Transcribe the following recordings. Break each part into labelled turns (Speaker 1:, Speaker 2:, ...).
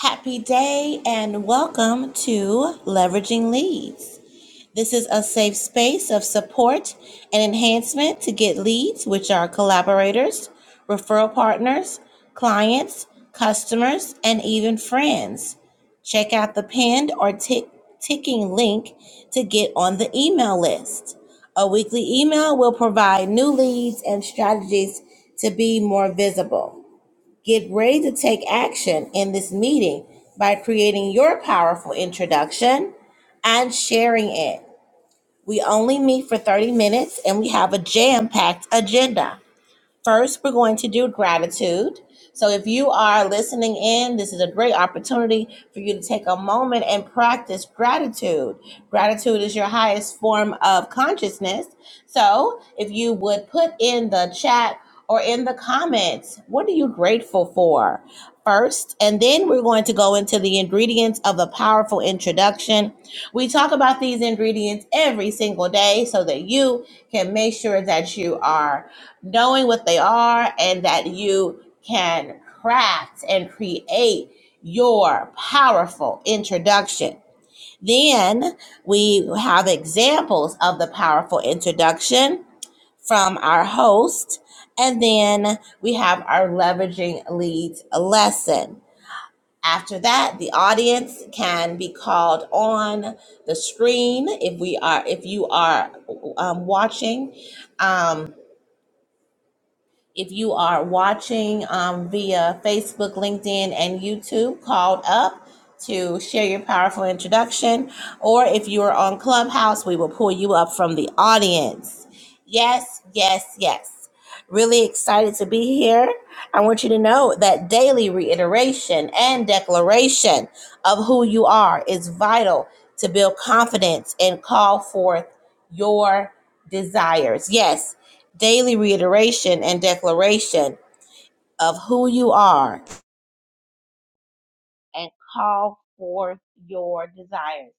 Speaker 1: Happy day and welcome to Leveraging Leads. This is a safe space of support and enhancement to get leads, which are collaborators, referral partners, clients, customers, and even friends. Check out the pinned or tick, ticking link to get on the email list. A weekly email will provide new leads and strategies to be more visible. Get ready to take action in this meeting by creating your powerful introduction and sharing it. We only meet for 30 minutes and we have a jam packed agenda. First, we're going to do gratitude. So, if you are listening in, this is a great opportunity for you to take a moment and practice gratitude. Gratitude is your highest form of consciousness. So, if you would put in the chat or in the comments, what are you grateful for first? And then we're going to go into the ingredients of a powerful introduction. We talk about these ingredients every single day so that you can make sure that you are knowing what they are and that you can craft and create your powerful introduction. Then we have examples of the powerful introduction from our host. And then we have our leveraging leads lesson. After that, the audience can be called on the screen if we are if you are um, watching Um, If you are watching um, via Facebook, LinkedIn, and YouTube, called up to share your powerful introduction. Or if you are on Clubhouse, we will pull you up from the audience. Yes, yes, yes. Really excited to be here. I want you to know that daily reiteration and declaration of who you are is vital to build confidence and call forth your desires. Yes, daily reiteration and declaration of who you are and call forth your desires.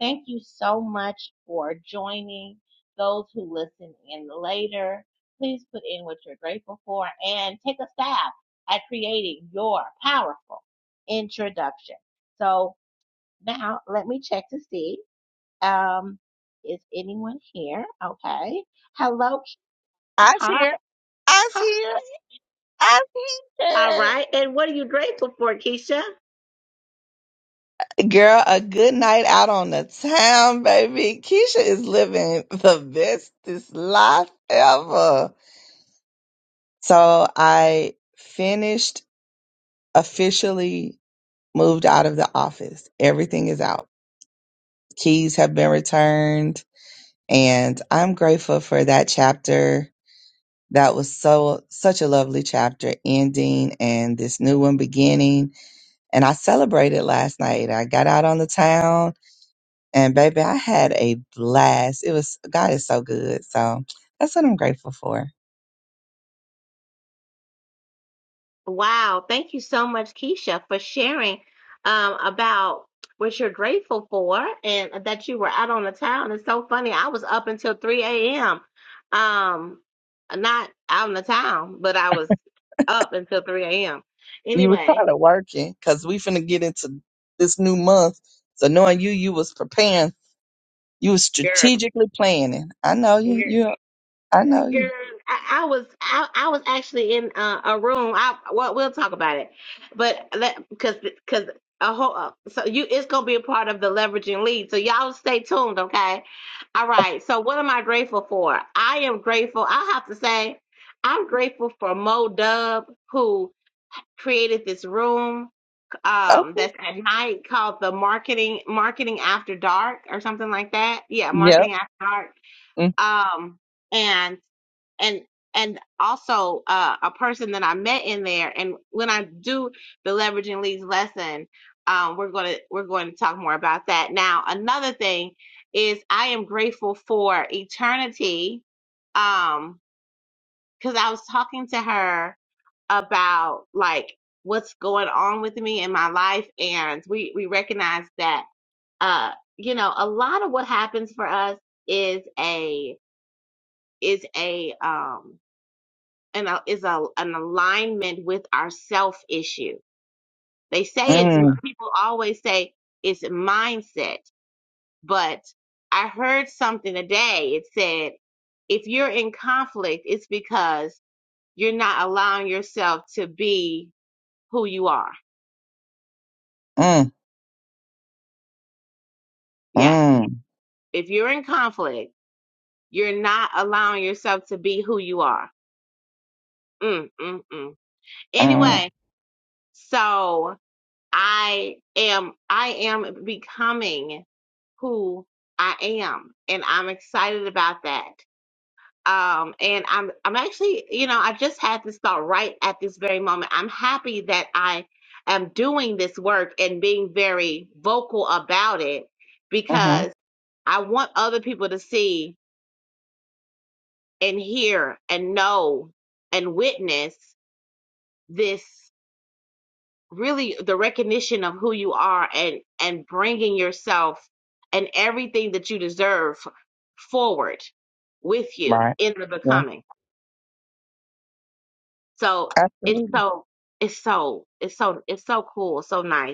Speaker 1: Thank you so much for joining those who listen in later. Please put in what you're grateful for and take a stab at creating your powerful introduction. So now let me check to see. Um, is anyone here? Okay. Hello.
Speaker 2: I's
Speaker 1: Hi.
Speaker 2: here. I's
Speaker 1: Hi.
Speaker 2: here. I's
Speaker 1: All
Speaker 2: here.
Speaker 1: right. And what are you grateful for, Keisha?
Speaker 2: Girl, a good night out on the town, baby. Keisha is living the bestest life ever. So I finished officially moved out of the office. Everything is out. Keys have been returned and I'm grateful for that chapter. That was so such a lovely chapter ending and this new one beginning and I celebrated last night. I got out on the town and baby, I had a blast. It was God is so good. So that's what I'm grateful for.
Speaker 1: Wow. Thank you so much, Keisha, for sharing um, about what you're grateful for and that you were out on the town. It's so funny. I was up until 3 a.m. Um, not out in the town, but I was up until 3 a.m.
Speaker 2: You were
Speaker 1: Anyway,
Speaker 2: kind of working because we finna get into this new month. So knowing you, you was preparing, you was
Speaker 1: girl.
Speaker 2: strategically planning. I know you. You. I know you.
Speaker 1: Girl, I, I was I, I was actually in uh, a room. I well, we'll talk about it, but because because a whole uh, so you it's gonna be a part of the leveraging lead. So y'all stay tuned, okay? All right. So what am I grateful for? I am grateful. I have to say, I'm grateful for Mo Dub who created this room
Speaker 2: Okay.
Speaker 1: um that's at night called the marketing marketing after dark or something like that. Yeah,
Speaker 2: Yep.
Speaker 1: marketing after dark.
Speaker 2: Mm,
Speaker 1: Um and and also uh, a person that I met in there. And when I do the leveraging leads lesson, um, we're gonna we're going to talk more about that. Now, another thing is I am grateful for eternity, um, because I was talking to her about like what's going on with me in my life, and we we recognize that uh, you know, a lot of what happens for us is a is a um an is a an alignment with our self issue. They say it's
Speaker 2: mm,
Speaker 1: people always say it's mindset, but I heard something today. It said if you're in conflict, it's because you're not allowing yourself to be who you are.
Speaker 2: mm,
Speaker 1: Yes,
Speaker 2: mm,
Speaker 1: if you're in conflict, you're not allowing yourself to be who you are. Mm, mm, mm.
Speaker 2: mm,
Speaker 1: Anyway, so I am I am becoming who I am, and I'm excited about that. Um, and I'm I'm actually, you know, I just had this thought right at this very moment. I'm happy that I am doing this work and being very vocal about it
Speaker 2: mm-hmm.
Speaker 1: because I want other people to see and hear and know and witness this really the recognition of who you are and and bringing yourself and everything that you deserve forward with you
Speaker 2: Right.
Speaker 1: in the
Speaker 2: Yeah.
Speaker 1: becoming so it's
Speaker 2: Absolutely.
Speaker 1: so it's so it's so it's so cool so nice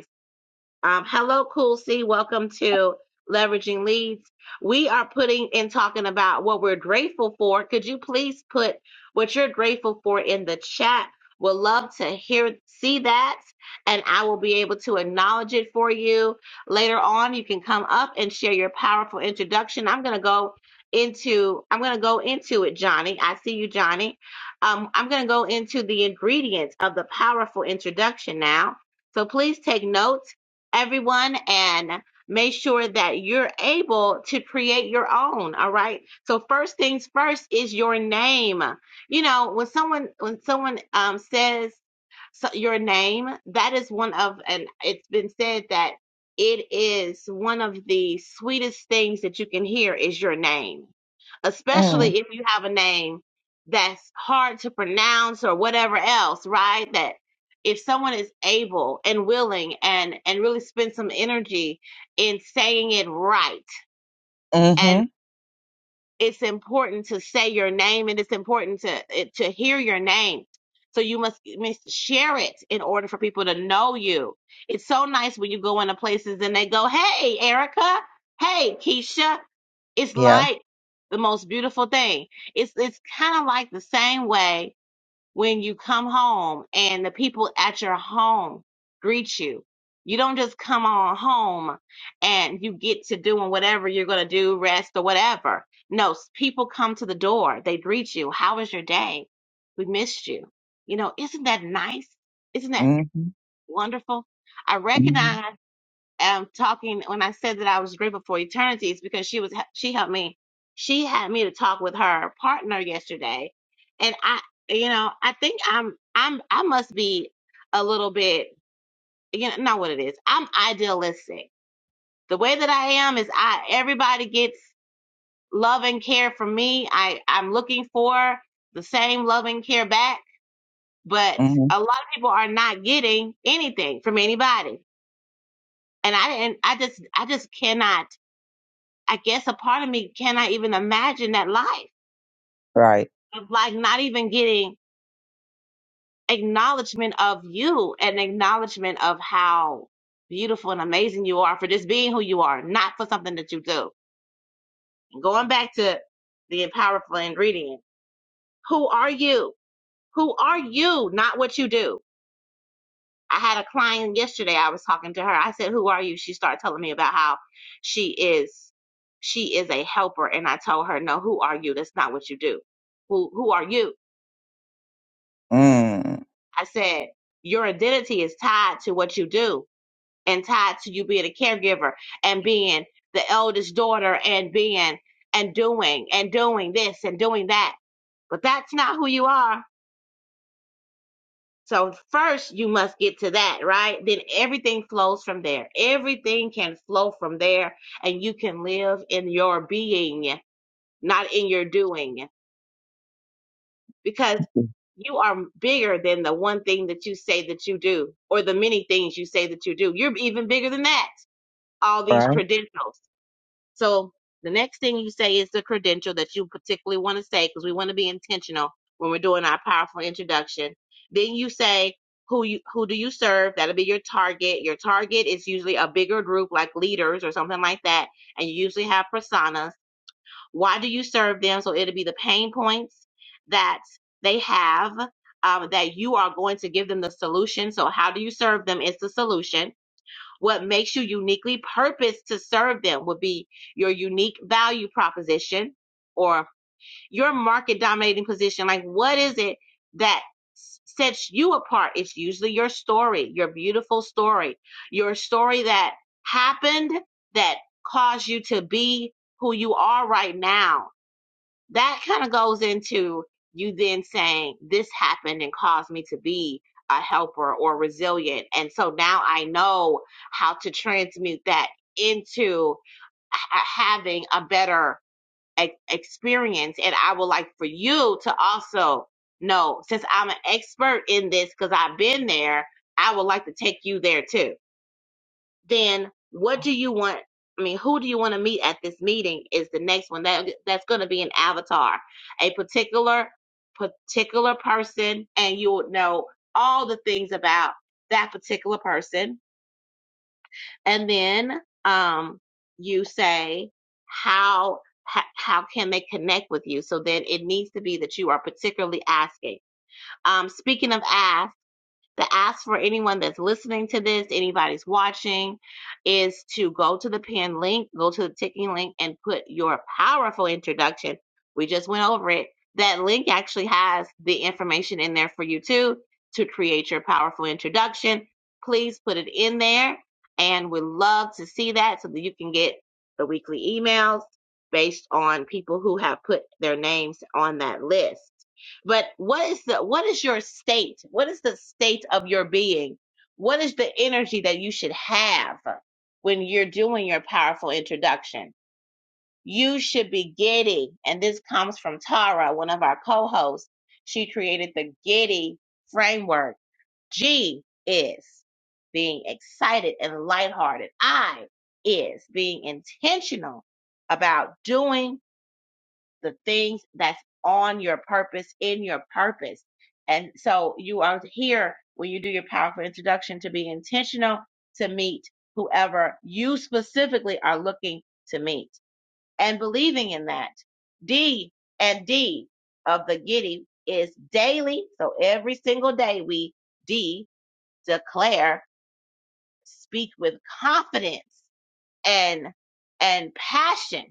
Speaker 1: um, hello, Cool C. Welcome to Leveraging Leads. We are putting and talking about what we're grateful for. Could you please put what you're grateful for in the chat? we Would love to hear, see that, and I will be able to acknowledge it for you. Later on, you can come up and share your powerful introduction. I'm going to go into I'm going to go into it, Johnny. I see you, Johnny. Um, I'm going to go into the ingredients of the powerful introduction now. So please take notes everyone and make sure that you're able to create your own all right so first things first is your name you know when someone when someone um says so your name that is one of and it's been said that it is one of the sweetest things that you can hear is your name
Speaker 2: Mm,
Speaker 1: especially if you have a name that's hard to pronounce or whatever else right that if someone is able and willing and and really spend some energy in saying it right and
Speaker 2: mm-hmm.
Speaker 1: it's important to say your name and it's important to it- to hear your name so you must, must share it in order for people to know you it's so nice when you go into places and they go hey erica hey keisha it's
Speaker 2: Yeah.
Speaker 1: like the most beautiful thing it's it's kind of like the same way when you come home and the people at your home greet you. You don't just come on home and you get to doing whatever you're going to do, rest or whatever. No, s- people come to the door. They greet you. How was your day? We missed you. You know, isn't that nice? Isn't that
Speaker 2: Mm-hmm.
Speaker 1: wonderful? I
Speaker 2: Mm-hmm.
Speaker 1: recognize um talking when I said that I was grateful for eternity is because she was she helped me she had me to talk with her partner yesterday and I you know I think I'm I'm I must be a little bit you know not what it is I'm idealistic the way that I am is I everybody gets love and care from me I I'm looking for the same love and care back but
Speaker 2: Mm-hmm.
Speaker 1: a lot of people are not getting anything from anybody and I didn't I just I just cannot I guess a part of me cannot even imagine that life
Speaker 2: Right.
Speaker 1: of like not even getting acknowledgement of you and acknowledgement of how beautiful and amazing you are for just being who you are, not for something that you do. Going back to the powerful ingredient, who are you? Who are you? Not what you do. I had a client yesterday. I was talking to her. I said, "Who are you?" She started telling me about how she is she is a helper, and I told her, "No, who are you? That's not what you do. Who who are you?"
Speaker 2: Mm.
Speaker 1: I said, your identity is tied to what you do and tied to you being a caregiver and being the eldest daughter and being and doing and doing this and doing that. But that's not who you are. So first you must get to that, right? Then everything flows from there. Everything can flow from there and you can live in your being, not in your doing. because you are bigger than the one thing that you say that you do or the many things you say that you do. You're even bigger than that, all these
Speaker 2: Right?
Speaker 1: credentials. So the next thing you say is the credential that you particularly want to say because we want to be intentional when we're doing our powerful introduction. Then you say who you who do you serve? That'll be your target. Your target is usually a bigger group like leaders or something like that, and you usually have personas why do you serve them? So it'll be the pain points that they have um, that you are going to give them the solution. So, how do you serve them is the solution. What makes you uniquely purposed to serve them would be your unique value proposition or your market dominating position. Like, what is it that sets you apart? It's usually your story, your beautiful story, your story that happened that caused you to be who you are right now that kind of goes into you then saying this happened and caused me to be a helper or resilient and so now i know how to transmute that into ha- having a better e- experience and i would like for you to also know since i'm an expert in this because i've been there i would like to take you there too then what do you want? I mean, who do you want to meet at this meeting is the next one. That that's going to be an avatar, a particular particular person, and you will know all the things about that particular person. And then um, you say how ho- how can they connect with you? So then it needs to be that you are particularly asking. Um, speaking of ask the ask for anyone that's listening to this, anybody's watching, is to go to the pin link, go to the ticking link, and put your powerful introduction. We just went over it. That link actually has the information in there for you too to create your powerful introduction. Please put it in there, and we'd love to see that so that you can get the weekly emails based on people who have put their names on that list but what is the what is your state what is the state of your being what is the energy that you should have when you're doing your powerful introduction you should be giddy and this comes from tara one of our co-hosts she created the giddy framework g is being excited and lighthearted i is being intentional about doing the things that's on your purpose, in your purpose. And so you are here when you do your powerful introduction to be intentional to meet whoever you specifically are looking to meet and believing in that. D and D of the giddy is daily. So every single day we D declare, speak with confidence and and passion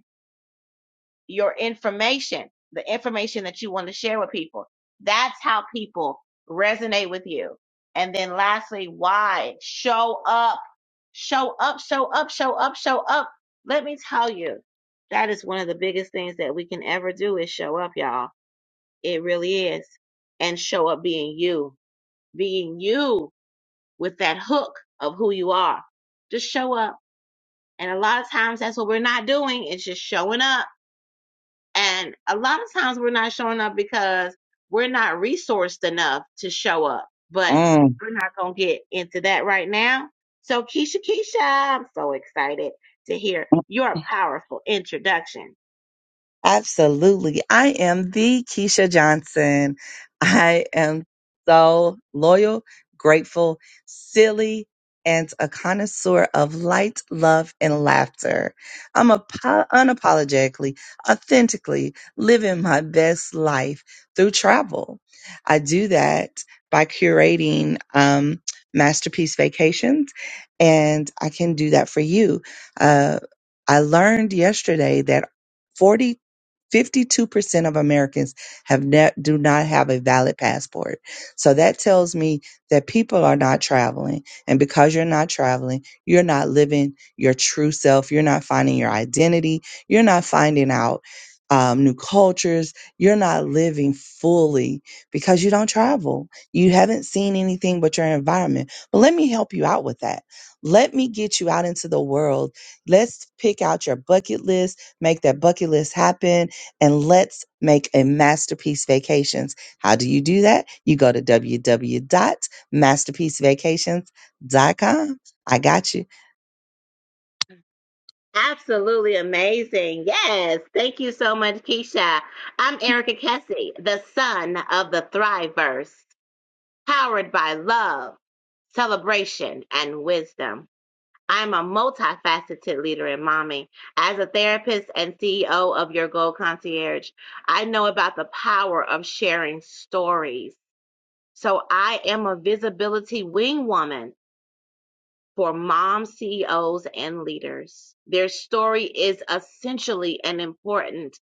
Speaker 1: your information, the information that you want to share with people. That's how people resonate with you. And then lastly, why show up, show up, show up, show up, show up. Let me tell you, that is one of the biggest things that we can ever do is show up, y'all. It really is. And show up being you, being you with that hook of who you are. Just show up. And a lot of times that's what we're not doing. It's just showing up and a lot of times we're not showing up because we're not resourced enough to show up. But
Speaker 2: Mm.
Speaker 1: we're not going to get into that right now. So, Keisha, Keisha, I'm so excited to hear your powerful introduction.
Speaker 2: Absolutely. I am the Keisha Johnson. I am so loyal, grateful, silly, and a connoisseur of light, love, and laughter. I'm a po- unapologetically, authentically living my best life through travel. I do that by curating um, masterpiece vacations, and I can do that for you. Uh, I learned yesterday that 40 52% of Americans have ne- do not have a valid passport. So that tells me that people are not traveling. And because you're not traveling, you're not living your true self. You're not finding your identity. You're not finding out um, new cultures. You're not living fully because you don't travel. You haven't seen anything but your environment. But let me help you out with that. Let me get you out into the world. Let's pick out your bucket list, make that bucket list happen and let's make a masterpiece vacations. How do you do that? You go to www.masterpiecevacations.com. I got you.
Speaker 1: Absolutely amazing. Yes. Thank you so much, Keisha. I'm Erica Kessie, the son of the Thriverse, powered by love, celebration, and wisdom. I'm a multifaceted leader and mommy. As a therapist and CEO of Your Goal Concierge, I know about the power of sharing stories. So I am a visibility wing woman for mom CEOs and leaders. Their story is essentially an important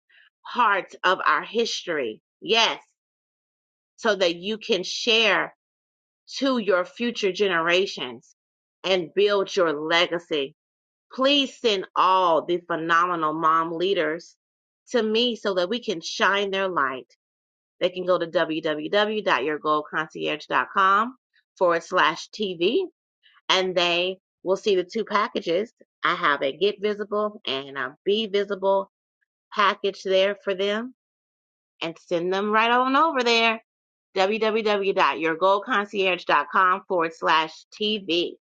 Speaker 1: part of our history. Yes, so that you can share to your future generations and build your legacy. Please send all the phenomenal mom leaders to me so that we can shine their light. They can go to www.yourgoalconcierge.com forward slash TV and they will see the two packages. I have a get visible and a be visible package there for them and send them right on over there. www.yourgoalconcierge.com forward slash TV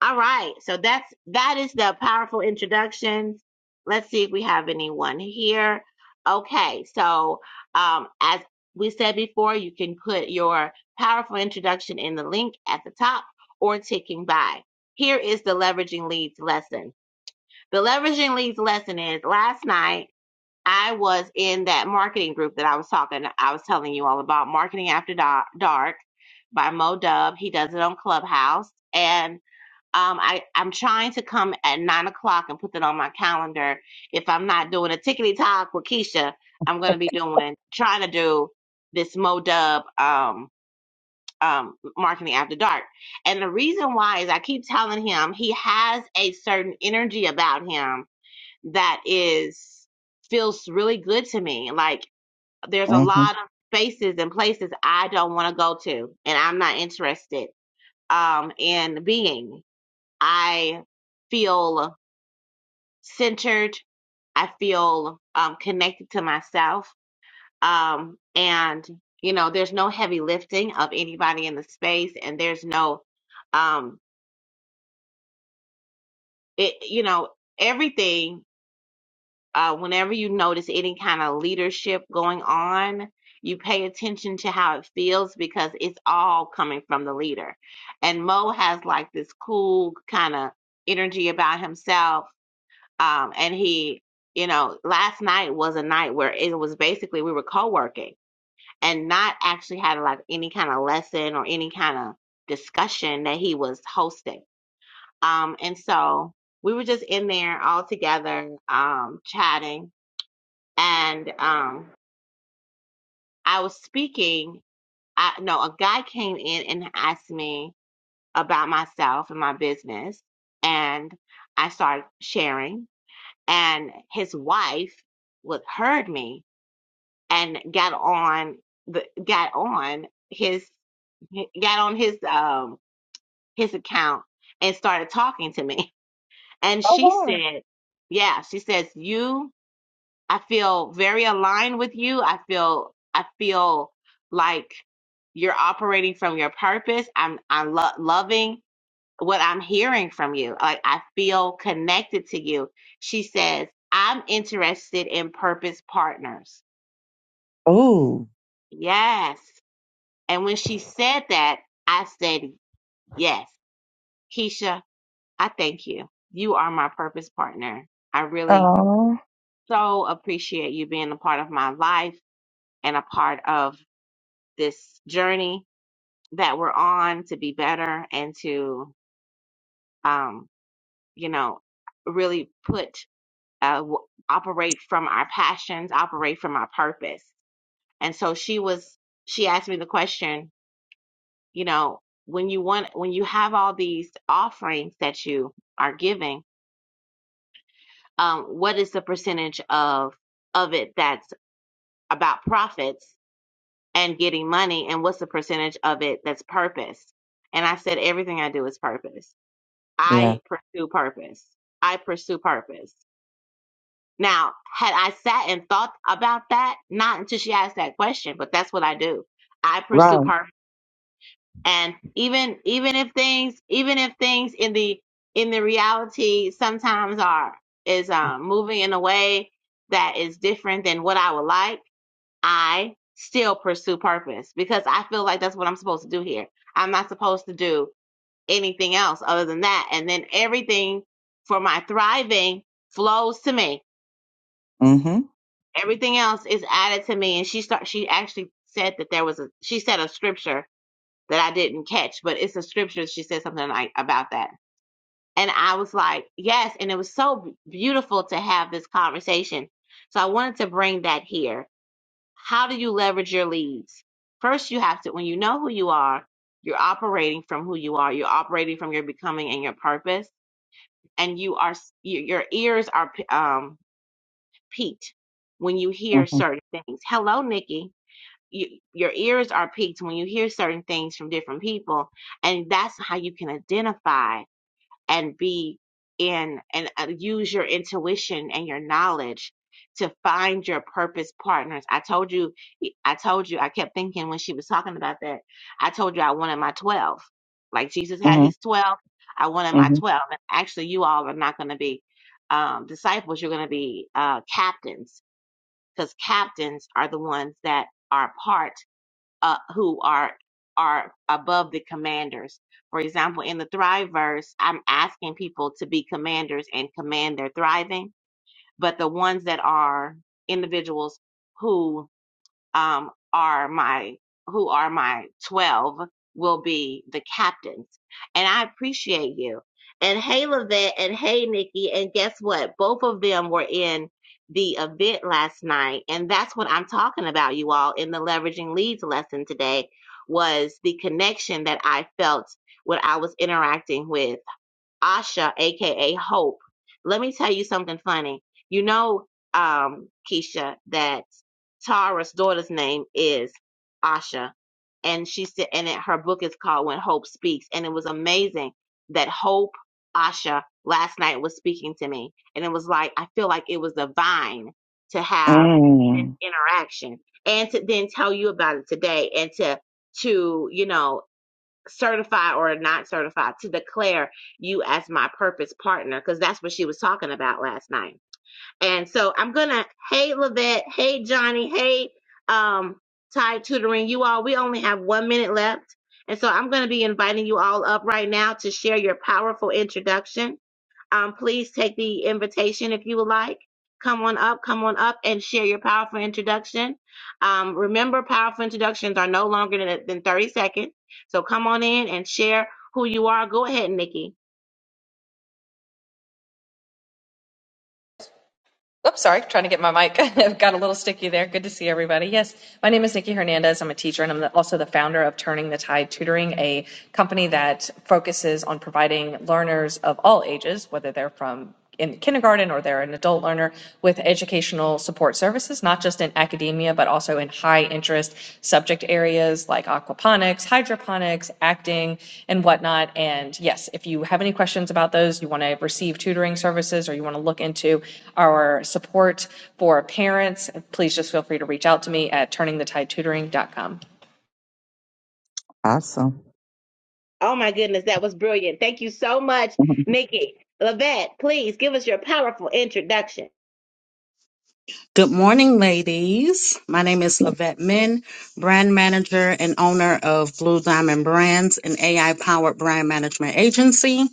Speaker 1: all right. So that's that is the powerful introductions. Let's see if we have anyone here. Okay. So um, as we said before, you can put your powerful introduction in the link at the top or ticking by. Here is the leveraging leads lesson. The leveraging leads lesson is last night I was in that marketing group that I was talking. I was telling you all about marketing after dark by Mo Dub. He does it on Clubhouse and um, I, I'm trying to come at nine o'clock and put that on my calendar. If I'm not doing a tickety talk with Keisha, I'm going to be doing, trying to do this MoDub, um, um, marketing after dark. And the reason why is I keep telling him he has a certain energy about him that is, feels really good to me. Like there's a
Speaker 2: hmm
Speaker 1: lot of spaces and places I don't want to go to and I'm not interested, um, in being. I feel centered. I feel um, connected to myself. Um, and, you know, there's no heavy lifting of anybody in the space, and there's no, um, it, you know, everything, uh, whenever you notice any kind of leadership going on, you pay attention to how it feels because it's all coming from the leader. And Mo has like this cool kind of energy about himself Um, and he, you know, last night was a night where it was basically we were co-working and not actually having like any kind of lesson or any kind of discussion that he was hosting. Um, and so we were just in there all together, um, chatting and, um, I was speaking. I, no, a guy came in and asked me about myself and my business and I started sharing and his wife would heard me and got on the got on his got on his um his account and started talking to me and
Speaker 2: Oh
Speaker 1: she
Speaker 2: wow.
Speaker 1: said yeah she says you i feel very aligned with you i feel i feel like you're operating from your purpose i'm i'm lo- loving what i'm hearing from you like i feel connected to you she says i'm interested in purpose partners
Speaker 2: Ooh.
Speaker 1: yes And when she said that, I said, Yes, Keisha, I thank you. You are my purpose partner. I really so appreciate you being a part of my life and a part of this journey that we're on to be better and to, um, you know, really put, uh, w- operate from our passions, operate from our purpose. And so she was, she asked me the question, you know when you want when you have all these offerings that you are giving um what is the percentage of of it that's about profits and getting money and what's the percentage of it that's purpose and i said everything i do is purpose
Speaker 2: Yeah.
Speaker 1: i pursue purpose i pursue purpose now had i sat and thought about that not until she asked that question but that's what i do i pursue
Speaker 2: Right.
Speaker 1: purpose and even even if things even if things in the in the reality sometimes are is um moving in a way that is different than what I would like, I still pursue purpose because I feel like that's what I'm supposed to do here. I'm not supposed to do anything else other than that. And then everything for my thriving flows to me.
Speaker 2: Mm-hmm.
Speaker 1: Everything else is added to me. And she start she actually said that there was a she said a scripture that I didn't catch, but it's a scripture. She said something like about that. And I was like, yes. And it was so beautiful to have this conversation. So I wanted to bring that here. How do you leverage your leads? First, you have to, when you know who you are, you're operating from who you are. You're operating from your becoming and your purpose. And you are, your ears are p- um, peaked when you hear
Speaker 2: Mm-hmm.
Speaker 1: certain things. Hello, Nikki you, your ears are piqued when you hear certain things from different people and that's how you can identify and be in and uh, use your intuition and your knowledge to find your purpose partners i told you i told you i kept thinking when she was talking about that i told you i wanted my 12 like jesus had
Speaker 2: Mm-hmm.
Speaker 1: his 12 i wanted my
Speaker 2: Mm-hmm.
Speaker 1: 12 and actually you all are not going to be um, disciples you're going to be uh, captains because captains are the ones that are part uh, who are are above the commanders. For example, in the Thrive verse, I'm asking people to be commanders and command their thriving, but the ones that are individuals who um, are my who are my 12 will be the captains and i appreciate you and hey lavette and hey nikki and guess what both of them were in the event last night and that's what i'm talking about you all in the leveraging leads lesson today was the connection that i felt when i was interacting with Asha, aka Hope. Let me tell you something funny. You know, um, Keisha, that Tara's daughter's name is Asha, and she said, and it, her book is called When Hope Speaks, and it was amazing that Hope Asha last night was speaking to me, and it was like I feel like it was divine to have this
Speaker 2: Mm.
Speaker 1: interaction and to then tell you about it today, and to to you know certify or not certify to declare you as my purpose partner because that's what she was talking about last night and so i'm gonna hey levette hey johnny hey um Tide tutoring you all we only have one minute left and so i'm gonna be inviting you all up right now to share your powerful introduction um, please take the invitation if you would like. Come on up, come on up and share your powerful introduction. Um, remember, powerful introductions are no longer than, than 30 seconds. So come on in and share who you are. Go ahead, Nikki.
Speaker 3: Oops, sorry, trying to get my mic. Got a little sticky there. Good to see everybody. Yes, my name is Nikki Hernandez. I'm a teacher and I'm the- also the founder of Turning the Tide Tutoring, a company that focuses on providing learners of all ages, whether they're from in kindergarten or they're an adult learner, with educational support services, not just in academic academia, but also in high interest subject areas like aquaponics, hydroponics, acting, and whatnot. And yes, if you have any questions about those, you want to receive tutoring services, or you want to look into our support for parents, please just feel free to reach out to me at turningthetide tutoring.com.
Speaker 2: Awesome.
Speaker 1: Oh my goodness, that was brilliant. Thank you so much, Nikki. Lavette, please give us your powerful introduction.
Speaker 4: Good morning, ladies. My name is Lavette Min, brand manager and owner of Blue Diamond Brands, an AI powered brand management agency.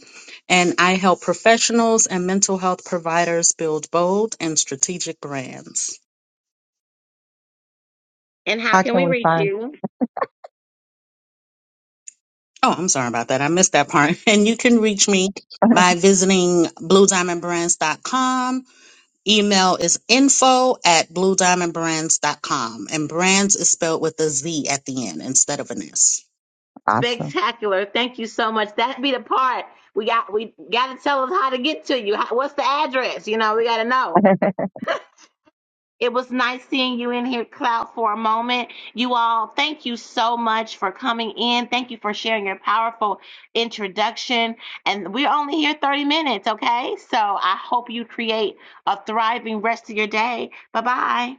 Speaker 4: And I help professionals and mental health providers build bold and strategic brands.
Speaker 1: And how
Speaker 2: How
Speaker 1: can
Speaker 2: can
Speaker 1: we
Speaker 2: we
Speaker 1: reach
Speaker 2: find
Speaker 1: you?
Speaker 4: Oh, I'm sorry about that. I missed that part. And you can reach me by visiting bluediamondbrands.com. Email is info at bluediamondbrands.com. And brands is spelled with a Z at the end instead of an S.
Speaker 2: awesome?
Speaker 1: Spectacular. Thank you so much. That be the part we got. We got to tell us how to get to you. How, what's the address? You know, we got to know. It was nice seeing you in here, Cloud, for a moment. You all, thank you so much for coming in. Thank you for sharing your powerful introduction. And we're only here 30 minutes, okay? So I hope you create a thriving rest of your day. Bye bye.